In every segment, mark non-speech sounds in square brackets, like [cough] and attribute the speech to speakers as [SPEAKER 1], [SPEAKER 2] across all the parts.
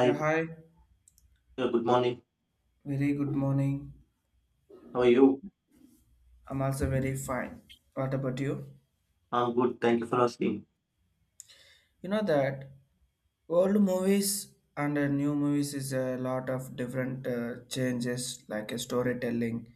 [SPEAKER 1] Yeah, hi.
[SPEAKER 2] good morning.
[SPEAKER 1] Very good morning.
[SPEAKER 2] How are you?
[SPEAKER 1] I'm also very fine. What about you?
[SPEAKER 2] I'm good. Thank you for asking.
[SPEAKER 1] You know that old movies and new movies is a lot of different changes, like storytelling,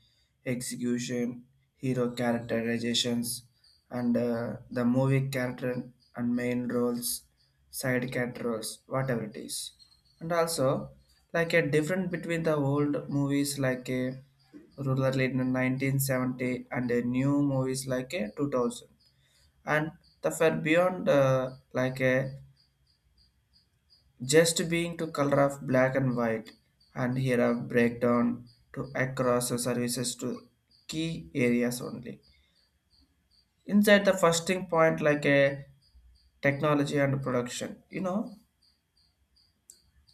[SPEAKER 1] execution, hero characterizations, and the movie character and main roles, side character roles, whatever it is. And also, like a difference between the old movies like a rural in 1970 and a new movies like a 2000, and the far beyond like a just being to color of black and white. And here a breakdown to across the services to key areas only. Inside the first thing point, like a technology and production. You know,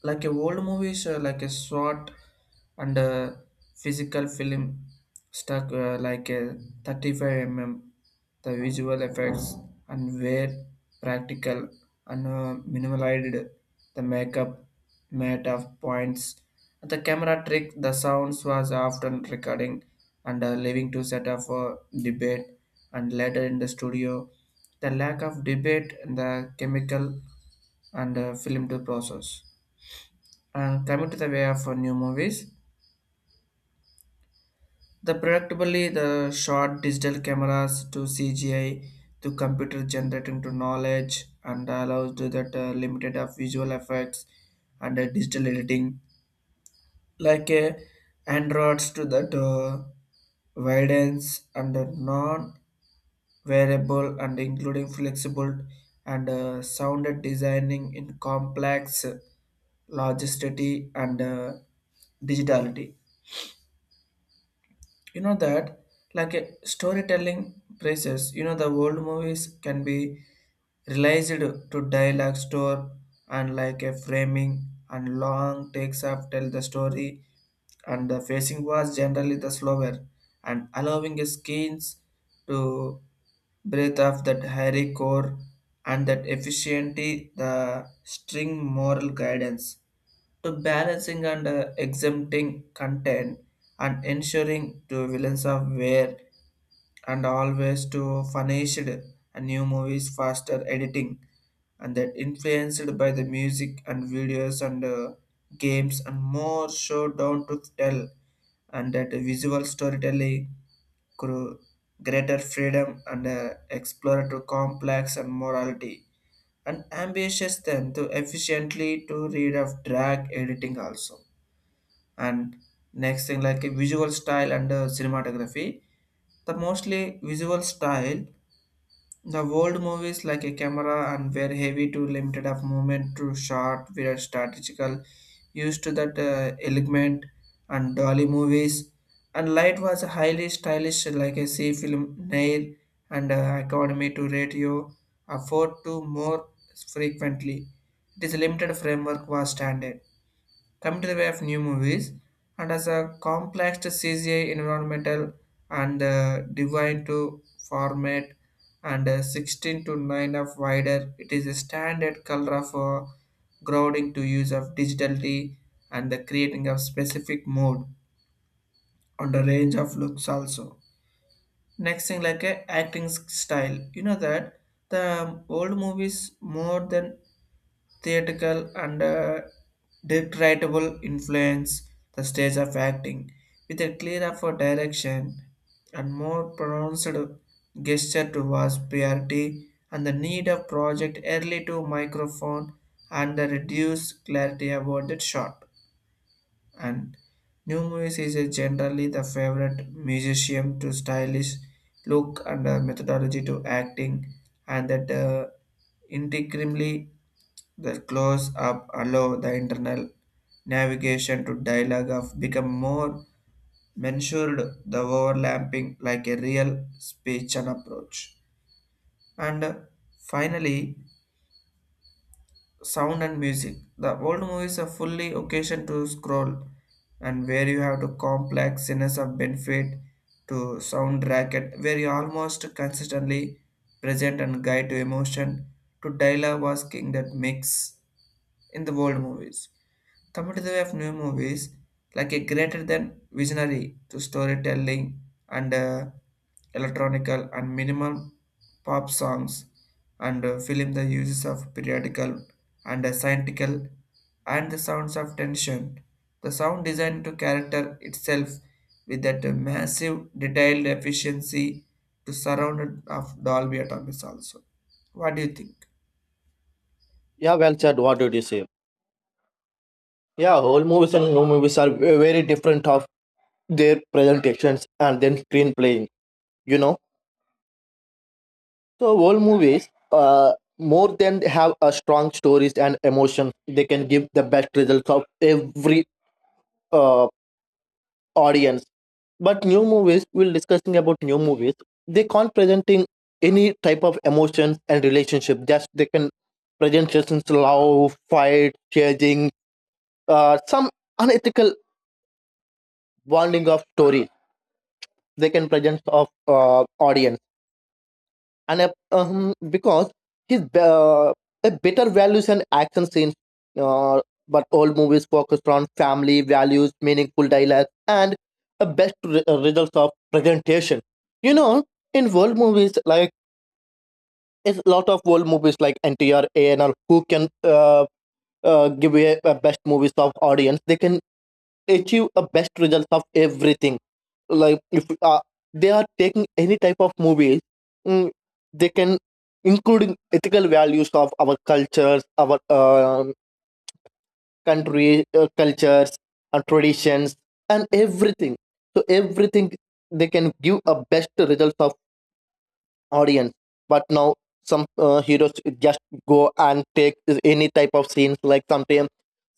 [SPEAKER 1] like a old movies like a short, and physical film stuck like a 35 mm, the visual effects, and were practical and minimalized, the makeup made of points, the camera trick, the sounds was often recording, and leaving to set up for debate and later in the studio, the lack of debate and the chemical and film to process. And coming to the way of new movies, the predictably the short digital cameras to CGI, to computer generating to knowledge, and allows to that limited of visual effects and digital editing, like androids to that widens, and non-variable and including flexible, and sounded designing in complex logicity and digitality. You know that, like a storytelling process. You know, the old movies can be realized to dialogue store, and like a framing and long takes up tell the story, and the facing was generally the slower and allowing skins to breathe off that hairy core, and that efficiently the string moral guidance to balancing and exempting content and ensuring to villains of where, and always to furnished. And new movies faster editing, and that influenced by the music and videos and games and more show down to tell, and that visual storytelling grew greater freedom and exploratory complex and morality and ambitious them to efficiently to read of drag editing also. And next thing, like a visual style and cinematography, the mostly visual style. The old movies like a camera and were heavy to limited of movement to short were strategical, used to that element and dolly movies, and light was highly stylish like a C film nail and academy to radio afford to more frequently. It is limited framework was standard. Coming to the way of new movies, and as a complex to CGI environmental and divine to format, and 16 to 9 of wider, it is a standard color for grounding to use of digitality and the creating of specific mode on the range of looks also. Next thing, like a acting style. You know that the old movies more than theatrical and dictatable influence the stage of acting with a clearer for direction and more pronounced gesture towards priority and the need of project early to microphone, and the reduced clarity about the shot. And new movies is a generally the favorite musician to stylish look and methodology to acting, and that integrally the close up allow the internal navigation to dialogue of become more mensured, the overlapping like a real speech and approach. And finally, sound and music. The old movies are fully occasion to scroll, and where you have to complex scenes of benefit to soundtrack it, where you almost consistently present and guide to emotion to dialogue was king that mix in the old movies. Coming to the way of new movies, like a greater than visionary to storytelling and electronical and minimal pop songs, and film the uses of periodical and scientific and the sounds of tension. The sound design to character itself with that massive detailed efficiency to surround it of Dolby Atmos also. What do you think?
[SPEAKER 2] Yeah, well said. What did you say? Yeah, old movies and new movies are very different of their presentations and then screen playing. You know, so old movies, more than have a strong stories and emotion, they can give the best results of every uh audience. But new movies, we'll discussing about new movies, they can't presenting any type of emotions and relationship, just they can present just in love fight changing, some unethical bonding of story they can present of audience, and because his be- uh, a better values and action scenes, uh, but all movies focused on family values, meaningful dialogue, and a results of presentation. You know, in world movies, like, it's a lot of world movies like ntr anr who can give a best movies of audience. They can achieve a best results of everything, like, if they are taking any type of movies, mm, they can including ethical values of our cultures, our country cultures and traditions and everything. So everything, they can give a best results of audience. But now some heroes just go and take any type of scenes. Like, sometimes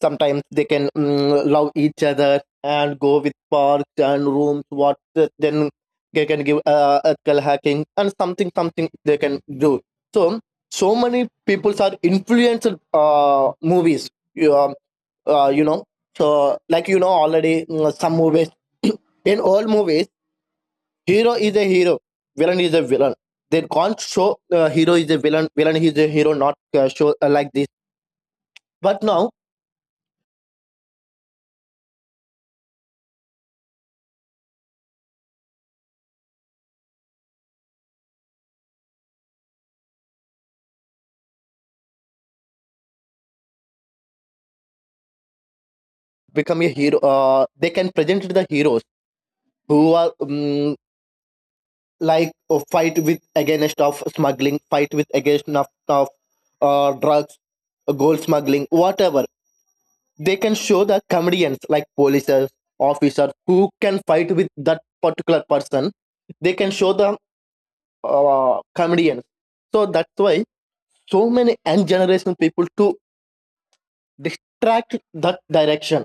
[SPEAKER 2] sometimes they can, love each other and go with parks and rooms. What then they can give ethical hacking and something something they can do. So so many people are influenced movies you know, so, like, you know already, some movies, [coughs] [clears throat] in all movies, hero is a hero. Villain is a villain. They can't show, hero is a villain, villain is a hero. Not show like this. But now become a hero. They can present the heroes who are, like, fight with against of smuggling, fight with against of drugs, gold smuggling, whatever. They can show the comedians like polices, officers who can fight with that particular person. They can show the comedians. So that's why so many young generation people to distract that direction.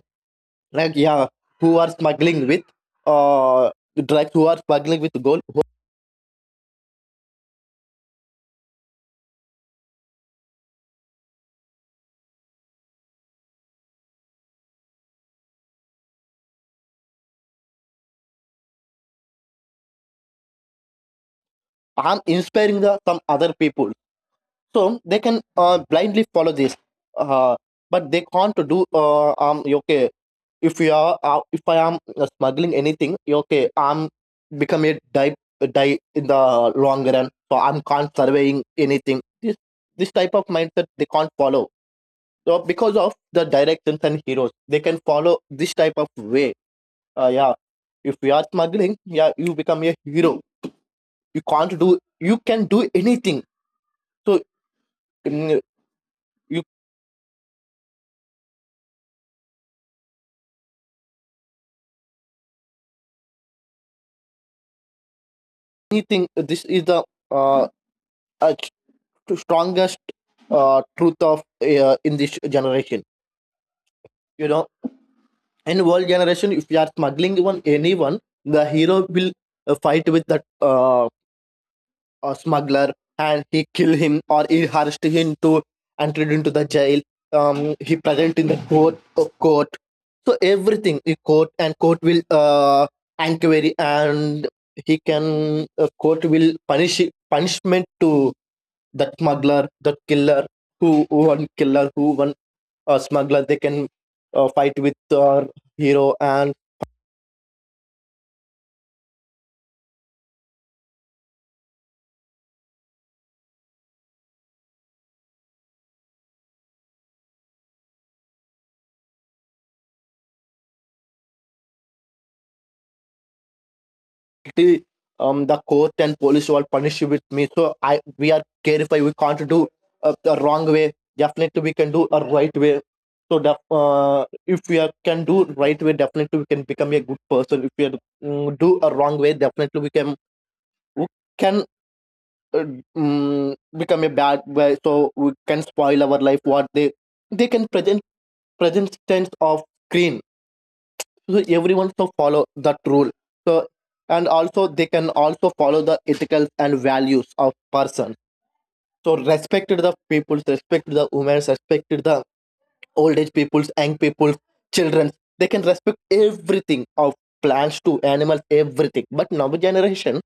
[SPEAKER 2] Like, yeah, who are smuggling with uh drugs, who are smuggling with gold, I'm inspiring the some other people, so they can blindly follow this. Uh, but they can't do, um, okay, if you are, if I am, smuggling anything, okay, I'm become a die, die in the long run. So I'm can't surveying anything. This type of mindset they can't follow. So, because of the directions and heroes, they can follow this type of way. Yeah, if you are smuggling, yeah, you become a hero. You can't do, you can do anything. So, mm, you, anything. This is the uh, uh, strongest truth of in this generation. You know, in world generation, if you are smuggling even anyone, the hero will fight with that, a smuggler, and he kill him or he arrest him to, and lead him to the jail. He present in the court. Court. So everything in court, and court will inquiry, and he can, court will punish, punishment to that smuggler, that killer, who one killer, who one smuggler, they can fight with our hero, and he, the court and police will punish you with me. So I we are careful, we can't do the wrong way. Definitely we can do a right way. So the, if we are, can do right way, definitely we can become a good person. If we are, do a wrong way, definitely we can, we can, uh, mm, become a bad way. So we can spoil our life. What they can present, present tense of screen. So everyone so follow that rule. So, and also they can also follow the ethical and values of person. So respected the peoples, respected the women, respected the old age peoples, young peoples, children, they can respect everything of plants to animals, everything. But now generation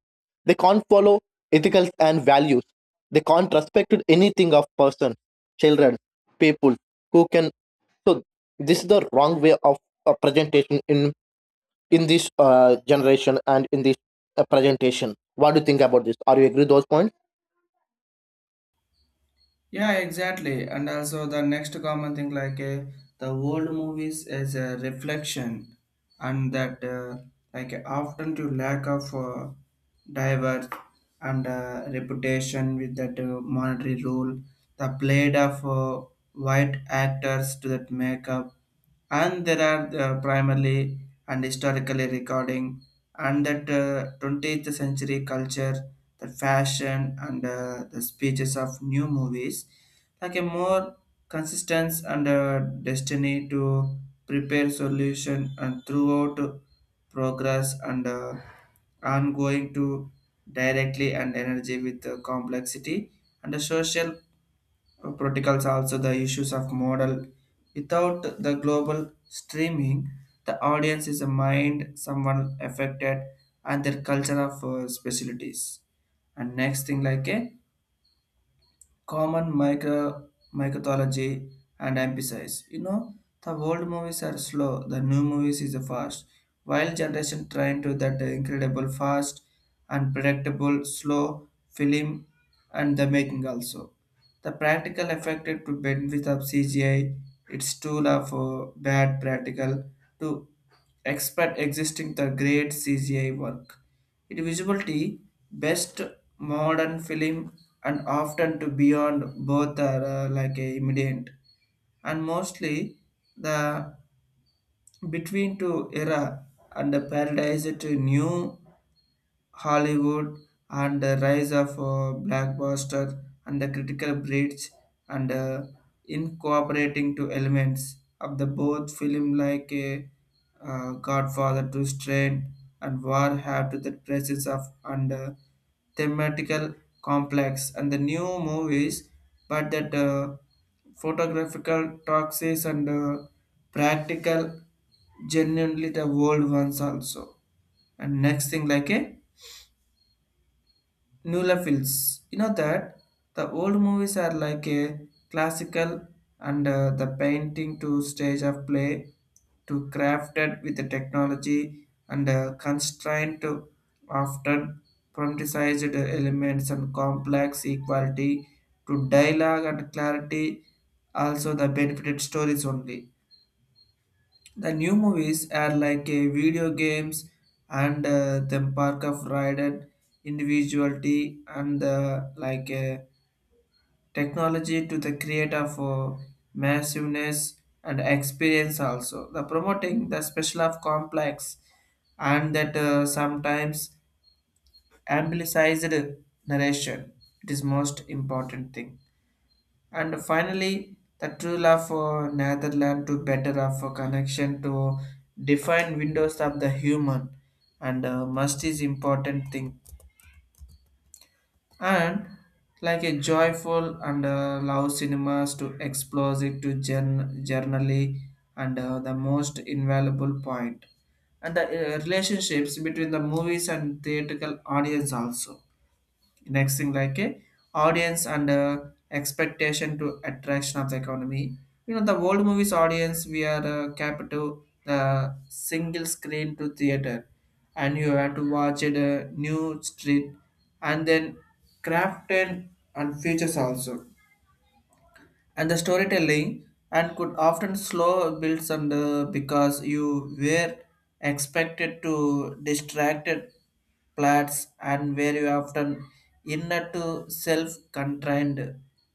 [SPEAKER 2] they can't follow ethical and values. They can't respect anything of person, children, people who can. So this is the wrong way of presentation in this generation, and in this presentation. What do you think about this? Are you agree those points?
[SPEAKER 1] Yeah, exactly. And also, the next common thing like the old movies as a reflection, and that like often to lack of diverse and reputation with that monetary rule, the played of white actors to that makeup, and there are primarily and historically recording, and that 20th century culture, the fashion and the speeches of new movies, like a more consistency and destiny to prepare solution and throughout progress and ongoing to directly and energy with the complexity and the social protocols, also the issues of model without the global streaming, the audience is a mind someone affected and their culture of specialties. And next thing, like a common micro, mythology and emphasize. You know, the old movies are slow, the new movies is fast. While generation trying to that incredible fast, unpredictable, slow film and the making also. The practical affected to benefit of CGI, its tool of bad practical to expert existing the great CGI work. It visibility best modern film, and often to beyond both are like a immediate and mostly the between two era, and the paradise to new Hollywood and the rise of blockbuster and the critical breach and incorporating to elements of the both film, like a Godfather to Strain and War, have to the presence of and thematical complex and the new movies, but that photographical toxins and practical genuinely the old ones also. And next thing, like a Nulafils. You know that the old movies are like a classical and the painting to stage of play to crafted with the technology and constraint to often politicized elements and complex equality to dialogue and clarity, also the benefited stories only. The new movies are like a video games and the park of rider individuality, and the like a technology to the create of massiveness and experience also. The promoting the special of complex, and that sometimes amplified narration. It is most important thing. And finally, the true love for Netherlands to better of a connection to define windows of the human and must is important thing. And like a joyful and love cinemas to explore it to journally and the most invaluable point. And the relationships between the movies and theatrical audience also. Next thing, like a audience and expectation to attraction of the economy. You know, the old movies audience we are capital the single screen to theater, and you have to watch it a new street, and then craft and features also, and the storytelling and could often slow builds and because you were expected to distracted plots, and where you often inner to self-contained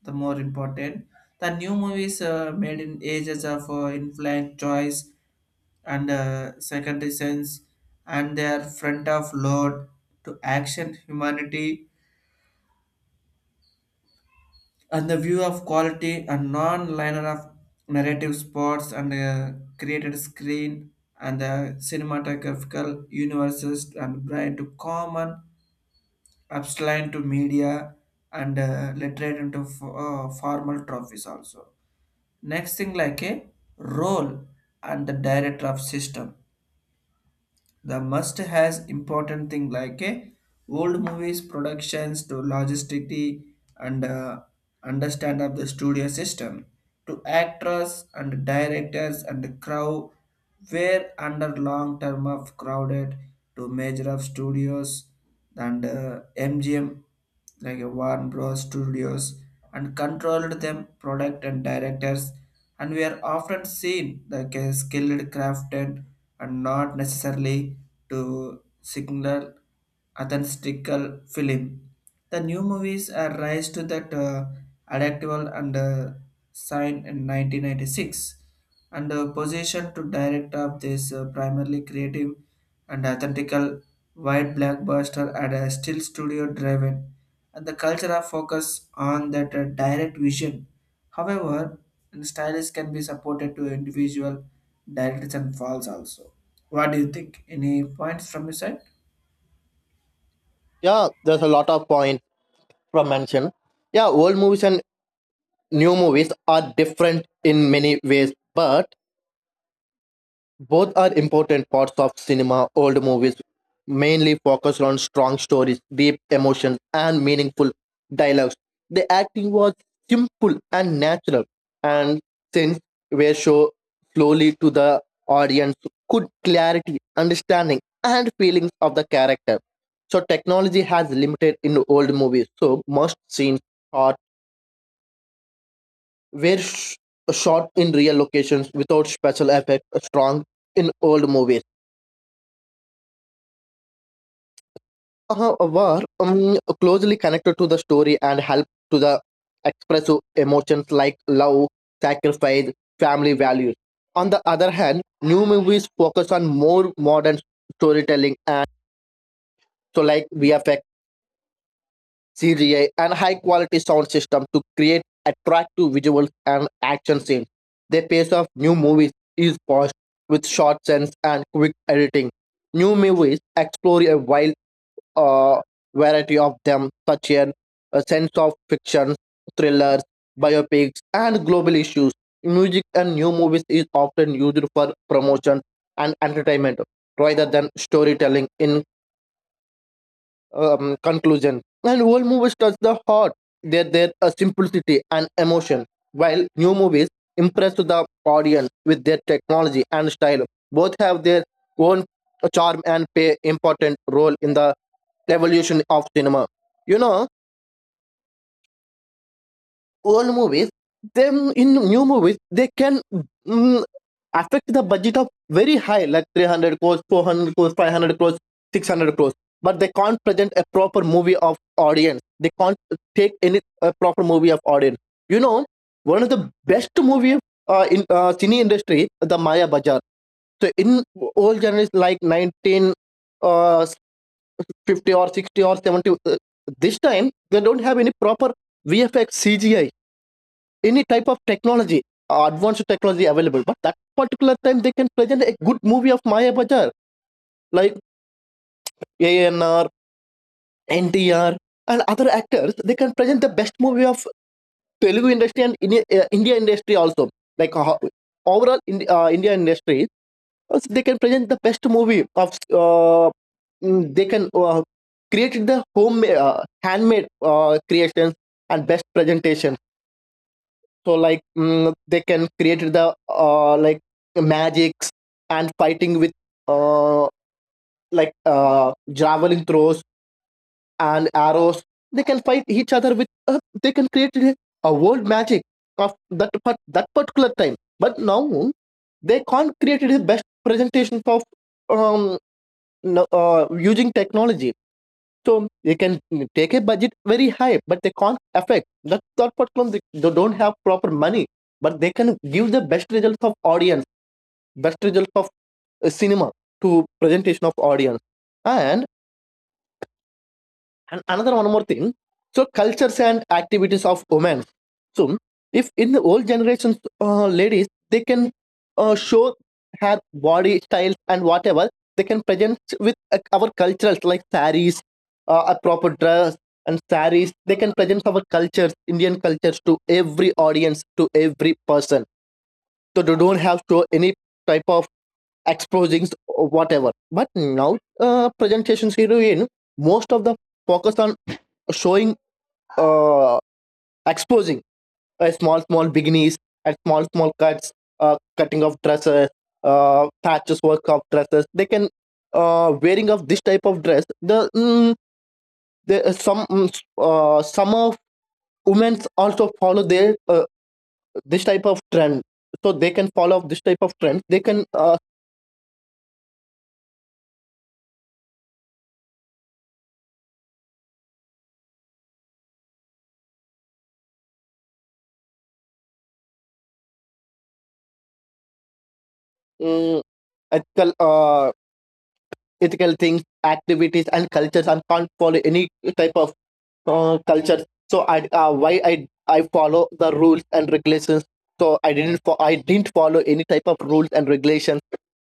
[SPEAKER 1] the more important. The new movies made in ages of influence choice and secondary sense and their front of load to action humanity and the view of quality and non-linear of narrative sports and created screen and the cinematographical universes and bright to common abstract to media and literate into formal trophies also. Next thing, like a role and the director of system, the must has important thing. Like a old movies productions to logisticity and understand of the studio system to actors and directors and the crowd were under long term of crowded to major of studios, and MGM, like a Warner Bros. Studios, and controlled them product and directors, and we are often seen like a skilled crafted and not necessarily to signal authentic film. The new movies are rise to that adaptable and signed in 1996 and position to direct up this primarily creative and authentical wide blockbuster at a still studio driven, and the cultural focus on that direct vision, however, and stylist can be supported to individual directors and falls also. What do you think? Any points from your side?
[SPEAKER 2] Yeah, there's a lot of point from mention. Yeah, old movies and new movies are different in many ways, but both are important parts of cinema. Old movies mainly focused on strong stories, deep emotions, and meaningful dialogues. The acting was simple and natural, and since were shown slowly to the audience, good clarity, understanding, and feelings of the character. So technology has limited in old movies. So most scenes are were sh- shot in real locations without special effects. Strong in old movies, were, closely connected to the story and helped to the express emotions like love, sacrifice, family values. On the other hand, new movies focus on more modern storytelling, and so like VFX, CGI, and high quality sound system to create attractive visuals and action scenes. The pace of new movies is fast, with short scenes and quick editing. New movies explore a wide, uh, variety of them, such as a sense of fiction, thrillers, biopics, and global issues. Music and new movies is often used for promotion and entertainment rather than storytelling in, conclusion. And old movies touch the heart, their simplicity and emotion, while new movies impress the audience with their technology and style. Both have their own charm and play important role in the evolution of cinema. You know, old movies then in new movies they can, affect the budget of very high, like 300 crores, 400 crores, 500 crores, 600 crores, but they can't present a proper movie of audience. They can't take any a proper movie of audience. You know, one of the best movie in cine industry, the maya bazaar. So in old genres like 19, uh, 50 or 60 or 70, this time they don't have any proper VFX CGI any type of technology, advanced technology available. But that particular time, they can present a good movie of Maya Bajar, like ANR, NTR, and other actors. They can present the best movie of Telugu industry and India, India industry also. Like, overall, in, India industry, so they can present the best movie of. They can create the home handmade creations and best presentation. So, like, they can create the like magics and fighting with, uh, like, javelin throws and arrows. They can fight each other with, they can create a world magic of that part, that particular time. But now they can't create the best presentation of, um, using technology. So they can, take a budget very high, but they can't affect. That's not what problem. They don't have proper money, but they can give the best results of audience, best results of cinema to presentation of audience. And and another one more thing. So cultures and activities of women. So if in the old generations, ladies they can show her body styles and whatever, they can present with our cultures, like saris, a proper dress and saris. They can present our cultures, Indian cultures, to every audience, to every person. So they don't have to any type of exposings or whatever. But now presentations heroine, most of the focus on showing uh, exposing, small small beginnings and small small cuts, cutting of dresses, patches work of dresses. They can wearing of this type of dress the, some, some of women also follow their, this type of trend. So they can follow this type of trend. They can mm, ethical uh, ethical things, activities, and cultures, and can't follow any type of culture. So I, why I follow the rules and regulations. So I didn't follow any type of rules and regulations,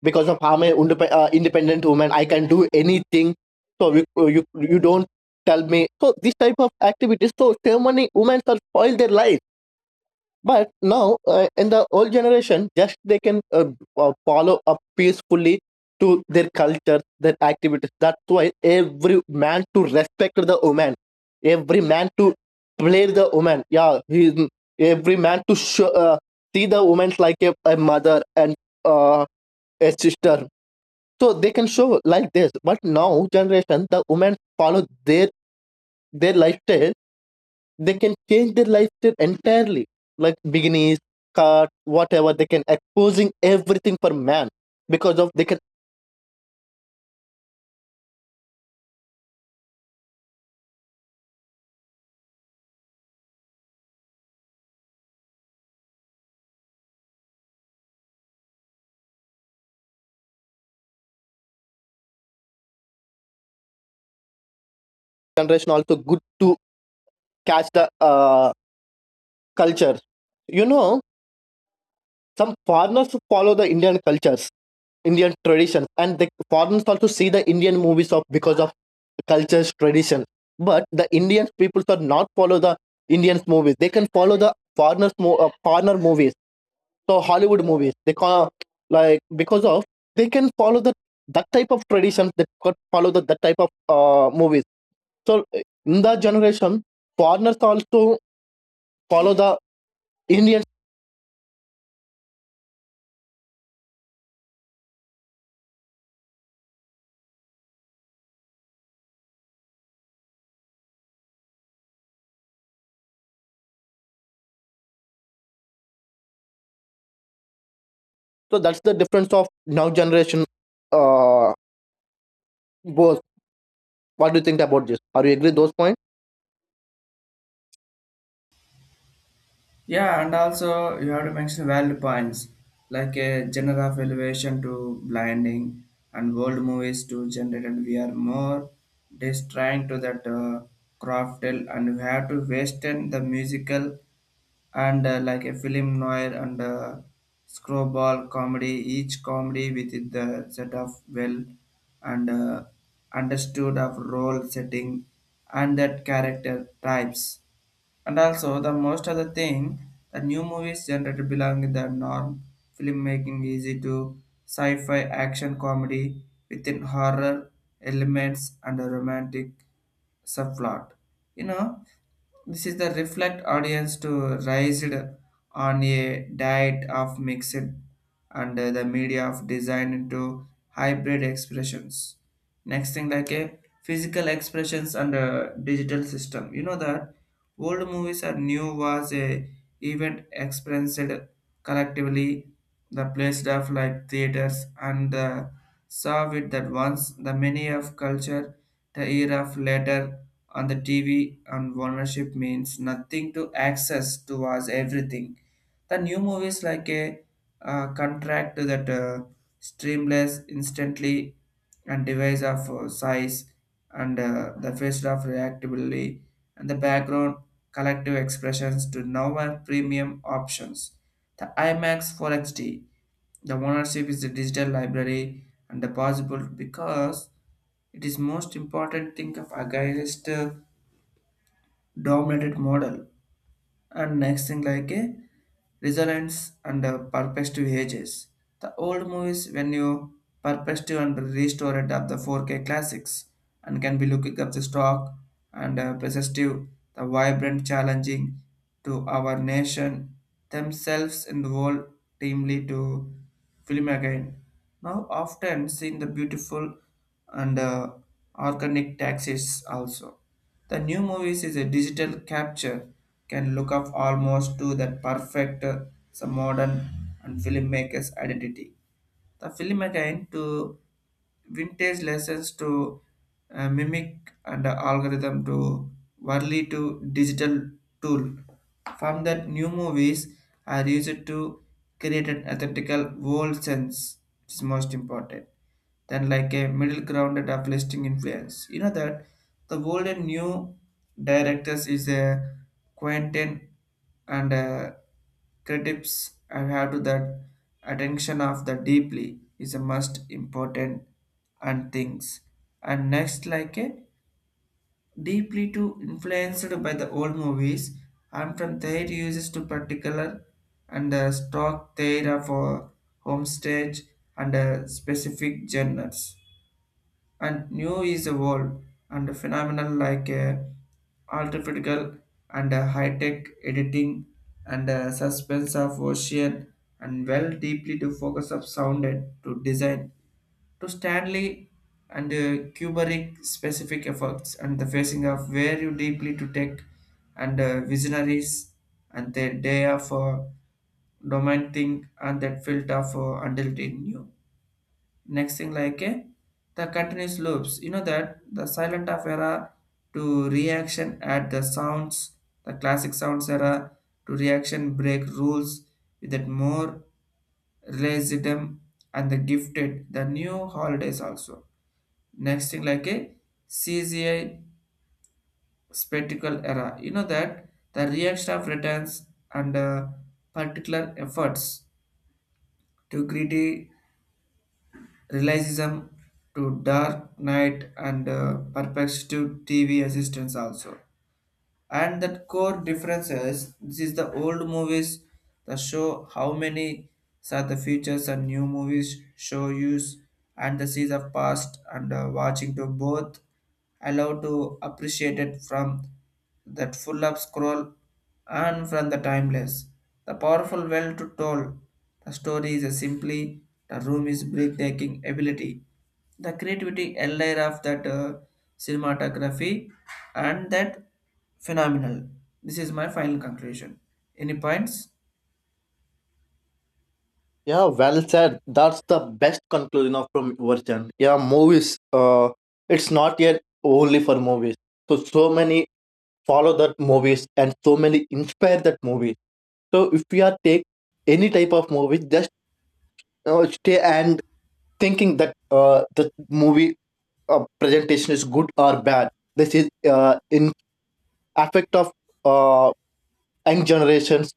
[SPEAKER 2] because of I'm an independent woman. I can do anything. So you don't tell me. So this type of activities. So so many women are spoil their life. But now, in the old generation, just they can, follow up peacefully to their culture, their activities. That's why every man to respect the woman, every man to play the woman, yeah, he, every man to show, see the woman like a mother and uh, a sister. So they can show like this. But now generation, the women follow their their lifestyle. They can change their lifestyle entirely, like bikinis cut, whatever, they can exposing everything for man, because of they can generation also good to catch the culture. You know, some foreigners follow the indian cultures, indian traditions, and the foreigners also see the indian movies of, because of cultures tradition. But the indian people are not follow the indian movies. They can follow the foreigners foreigner movies. So Hollywood movies. They call, like, because of they can follow the that type of traditions. They could follow the that type of movies. So, in that generation, foreigners also follow the Indians. So that's the difference of now generation. Uh, Both. What do you think about this? Are you agree those points?
[SPEAKER 1] Yeah, and also you have to mention valid points, like a genre of elevation to blinding, and world movies to generate, we are more just trying to that craftel, and we have to western the musical and like a film noir and screwball comedy, each comedy with the set of well and understood of role setting and that character types. And also, the most of the thing, the new movies generated belong in the norm filmmaking easy to sci-fi action comedy within horror elements and a romantic subplot. You know, this is the reflect audience to rise on a diet of mixed and the media of design into hybrid expressions. Next thing, like a physical expressions and a digital system. You know that old movies are new was a event experienced collectively, the place of like theaters and saw it that once the many of culture, the era of later on the TV and ownership means nothing to access to was everything. The new movies, like a contract that streamless instantly and device of size and the face of reactively and the background collective expressions to now are premium options. The IMAX 4XD, the ownership is the digital library and the possible, because it is most important thing of against dominated model. And next thing, like a resilience and perspective ages. The old movies when you perspective and restore it up the 4K classics and can be looking up the stock and perspective the vibrant challenging to our nation themselves in the world teamly to film again. Now often seen the beautiful and organic taxis also. The new movies is a digital capture, can look up almost to that perfect some modern and filmmaker's identity. The film again to vintage lessons to mimic and algorithm to early to digital tool. From that new movies are used to create an authentical world sense, which is most important. Then, like a middle ground and uplifting influence. You know that the world and new directors is a Quentin and Critics have to that attention of the deeply is a most important and things. And next, like a deeply too influenced by the old movies and from their uses to particular and stock their for home stage and specific genres, and new is evolved and phenomenal like artificial and high-tech editing and suspense of ocean and well deeply to focus of sound and to design to Stanley and Kubrick specific efforts, and the facing of where you deeply to take and visionaries and the day of domain thing and that field of until it new. Next thing, like the continuous loops. You know that the silent of era to reaction at the sounds, the classic sounds era to reaction break rules with that more realism and the gifted the new holidays also. Next thing, like a CGI spectacle era. You know that the reaction of returns and particular efforts to greedy realism to Dark Knight and Perplexity TV assistance also. And that core difference is, this is the old movies that show how many are the features, and new movies show use and the seas of past and watching to both allow to appreciate it from that full up scroll and from the timeless the powerful well to tell the story is a simply the room is breathtaking ability, the creativity layer of that cinematography and that phenomenal. This is my final conclusion. Any points?
[SPEAKER 2] Yeah, well said. That's the best conclusion of from your channel. Yeah, movies. It's not yet only for movies. So so many follow that movies and so many inspire that movies. So if we are take any type of movie, just, stay and thinking that, the movie presentation is good or bad. This is in affect of uh, young generations,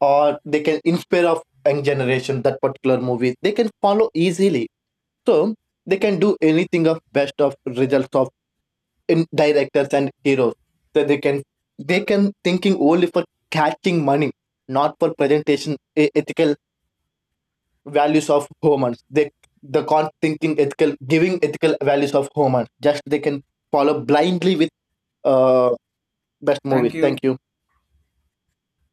[SPEAKER 2] or they can inspire of young generation that particular movie. They can follow easily, so they can do anything of best of results of in directors and heroes. So they can, they can thinking only for catching money, not for presentation ethical values of Homer. They the con thinking ethical, giving ethical values of Homer. Just they can follow blindly with uh best
[SPEAKER 1] Thank
[SPEAKER 2] movies.
[SPEAKER 1] you.
[SPEAKER 2] Thank you.